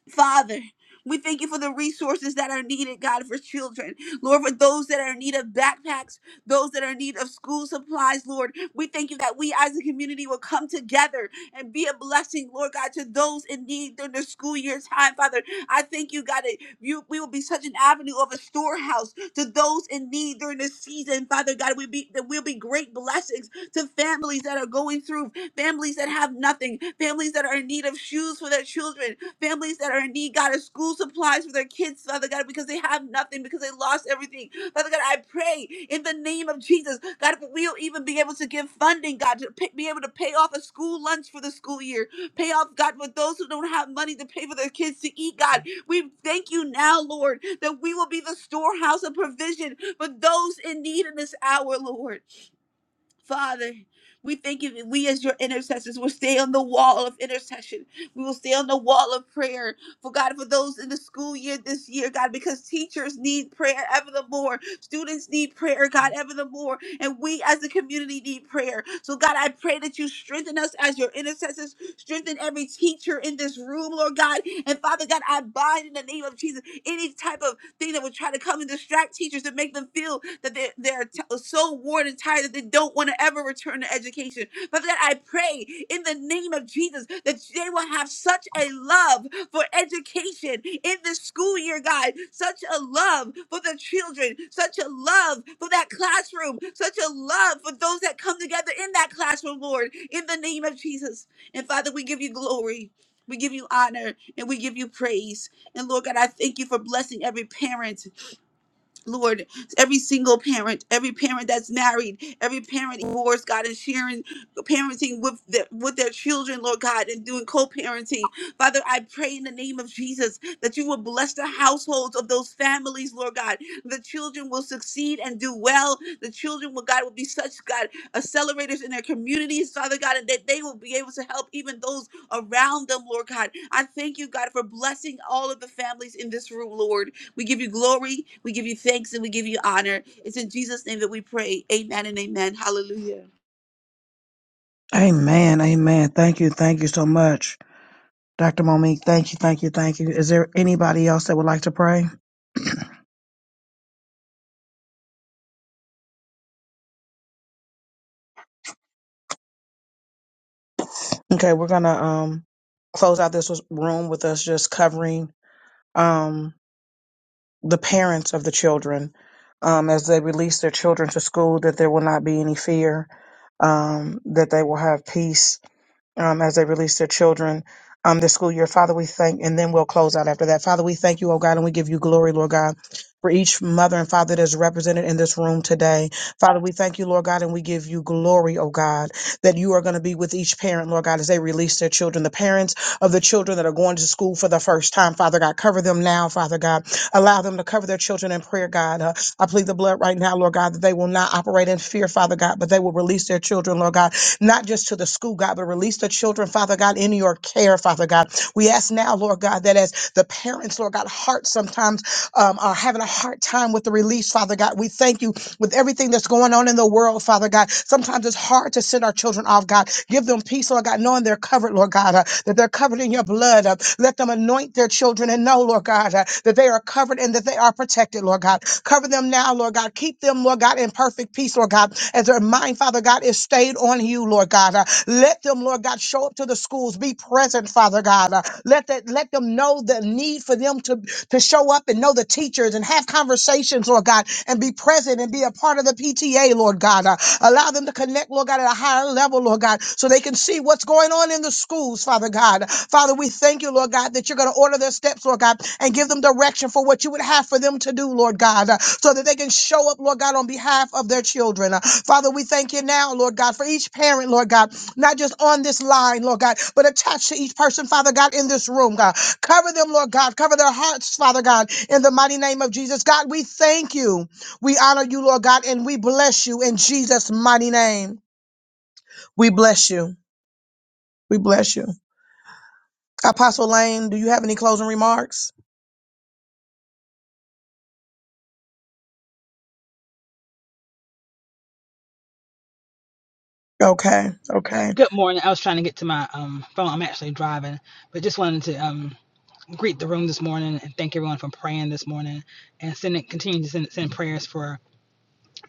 Speaker 3: Father, we thank you for the resources that are needed, God, for children. Lord, for those that are in need of backpacks, those that are in need of school supplies, Lord. We thank you that we as a community will come together and be a blessing, Lord God, to those in need during their school year time, Father. I thank you, God, that you, we will be such an avenue of a storehouse to those in need during this season, Father God. We be that we'll be great blessings to families that are going through, families that have nothing, families that are in need of shoes for their children, families that are in need, God, of school supplies for their kids, Father God, because they have nothing, because they lost everything. Father God, I pray in the name of Jesus, God, if we'll even be able to give funding, God, to pay, be able to pay off a school lunch for the school year, pay off, God, for those who don't have money to pay for their kids to eat, God. We thank you now, Lord, that we will be the storehouse of provision for those in need in this hour, Lord. Father, we thank you that we as your intercessors will stay on the wall of intercession. We will stay on the wall of prayer. For God, for those in the school year this year, God, because teachers need prayer ever the more. Students need prayer, God, ever the more. And we as a community need prayer. So God, I pray that you strengthen us as your intercessors. Strengthen every teacher in this room, Lord God. And Father God, I bind in the name of Jesus any type of thing that would try to come and distract teachers to make them feel that they're, they're t- so worn and tired that they don't want to ever return to education. Father God, I pray in the name of Jesus that they will have such a love for education in this school year, God, such a love for the children, such a love for that classroom, such a love for those that come together in that classroom, Lord, in the name of Jesus. And Father, we give you glory. We give you honor and we give you praise. And Lord God, I thank you for blessing every parent Lord, every single parent, every parent that's married, every parent divorced, God, and sharing parenting with their, with their children, Lord God, and doing co-parenting. Father, I pray in the name of Jesus that you will bless the households of those families, Lord God. The children will succeed and do well. The children will, God, will be such, God, accelerators in their communities, Father God, and that they will be able to help even those around them, Lord God. I thank you, God, for blessing all of the families in this room, Lord. We give you glory, we give you thanks, and we give you honor. It's in Jesus' name that we pray. Amen and amen. Hallelujah.
Speaker 2: Amen. Amen. Thank you. Thank you so much. Dr. Monique, thank you, thank you, thank you. Is there anybody else that would like to pray? Okay, we're gonna um close out this room with us just covering um the parents of the children um as they release their children to school that there will not be any fear um that they will have peace um as they release their children um this school year father we thank and then we'll close out after that father we thank you oh god and we give you glory lord god for each mother and father that is represented in this room today. Father, we thank you, Lord God, and we give you glory, oh God, that you are going to be with each parent, Lord God, as they release their children. The parents of the children that are going to school for the first time, Father God, cover them now, Father God. Allow them to cover their children in prayer, God. Uh, I plead the blood right now, Lord God, that they will not operate in fear, Father God, but they will release their children, Lord God, not just to the school, God, but release the children, Father God, in your care, Father God. We ask now, Lord God, that as the parents, Lord God, hearts sometimes um, are having a hard time with the release, Father God. We thank you with everything that's going on in the world, Father God. Sometimes it's hard to send our children off, God. Give them peace, Lord God, knowing they're covered, Lord God, uh, that they're covered in your blood. Uh, let them anoint their children and know, Lord God, uh, that they are covered and that they are protected, Lord God. Cover them now, Lord God. Keep them, Lord God, in perfect peace peace, Lord God, as their mind, Father God, is stayed on you, Lord God. Uh, let them, Lord God, show up to the schools, be present, Father God. Uh, let that let them know the need for them to, to show up and know the teachers and have conversations, Lord God, and be present and be a part of the PTA, Lord God. Uh, allow them to connect, Lord God, at a higher level, Lord God, so they can see what's going on in the schools, Father God. Father, we thank you, Lord God, that you're going to order their steps, Lord God, and give them direction for what you would have for them to do, Lord God, uh, so that they can show up, Lord God, on behalf of their children. Uh, Father, we thank you now, Lord God, for each parent, Lord God, not just on this line, Lord God, but attached to each person, Father God, in this room, God. Cover them, Lord God. Cover their hearts, Father God, in the mighty name of Jesus. God, we thank you. We honor you, Lord God, and we bless you in Jesus' mighty name. We bless you. We bless you. Apostle Lane, do you have any closing remarks? Okay, okay.
Speaker 4: Good morning. I was trying to get to my um, phone. I'm actually driving, but just wanted to um, greet the room this morning and thank everyone for praying this morning and sending continue to send, send prayers for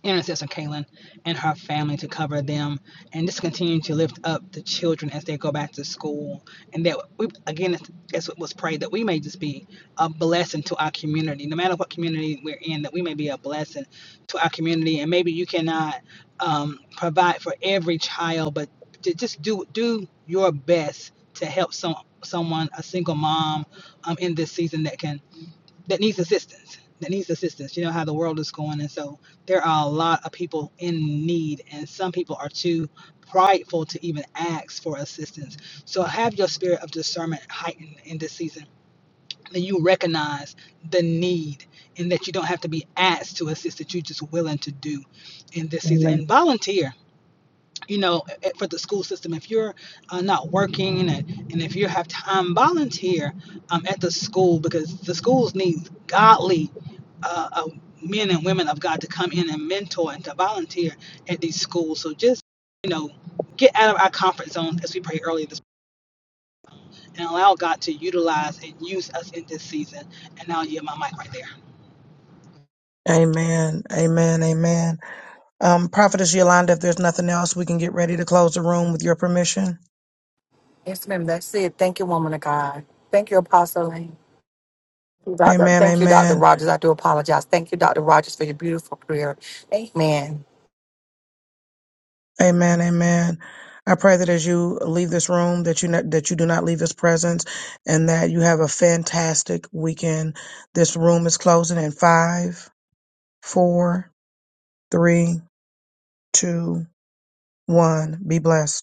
Speaker 4: intercessor Kaylin and her family to cover them and just continue to lift up the children as they go back to school. And that we, again, as it was prayed, that we may just be a blessing to our community, no matter what community we're in, that we may be a blessing to our community. And maybe you cannot um, provide for every child, but to just do do your best to help some someone, a single mom, um, in this season that can that needs assistance that needs assistance you know how the world is going and so there are a lot of people in need and some people are too prideful to even ask for assistance so have your spirit of discernment heightened in this season that you recognize the need and that you don't have to be asked to assist that you're just willing to do in this season and volunteer you know, a- for the school system. If you're uh, not working and, and if you have time, volunteer um, at the school because the schools need godly uh, uh, men and women of God to come in and mentor and to volunteer at these schools. So just, you know, get out of our comfort zone as we prayed earlier this and allow God to utilize and use us in this season. And now you have my mic right there.
Speaker 2: Amen. Amen. Amen. Um, Prophetess Yolanda, if there's nothing else, we can get ready to close the room with your permission.
Speaker 1: Yes, ma'am. That's it. Thank you, woman of God. Thank you, Apostle Lane. Doctor,
Speaker 2: Amen.
Speaker 1: thank you, Dr.
Speaker 2: Amen.
Speaker 1: Rogers. I do apologize. Thank you, Dr. Rogers, for your beautiful prayer. Amen.
Speaker 2: Amen. Amen. I pray that as you leave this room, that you not, that you do not leave this presence, and that you have a fantastic weekend. This room is closing in five, four, three, two, one. Be blessed.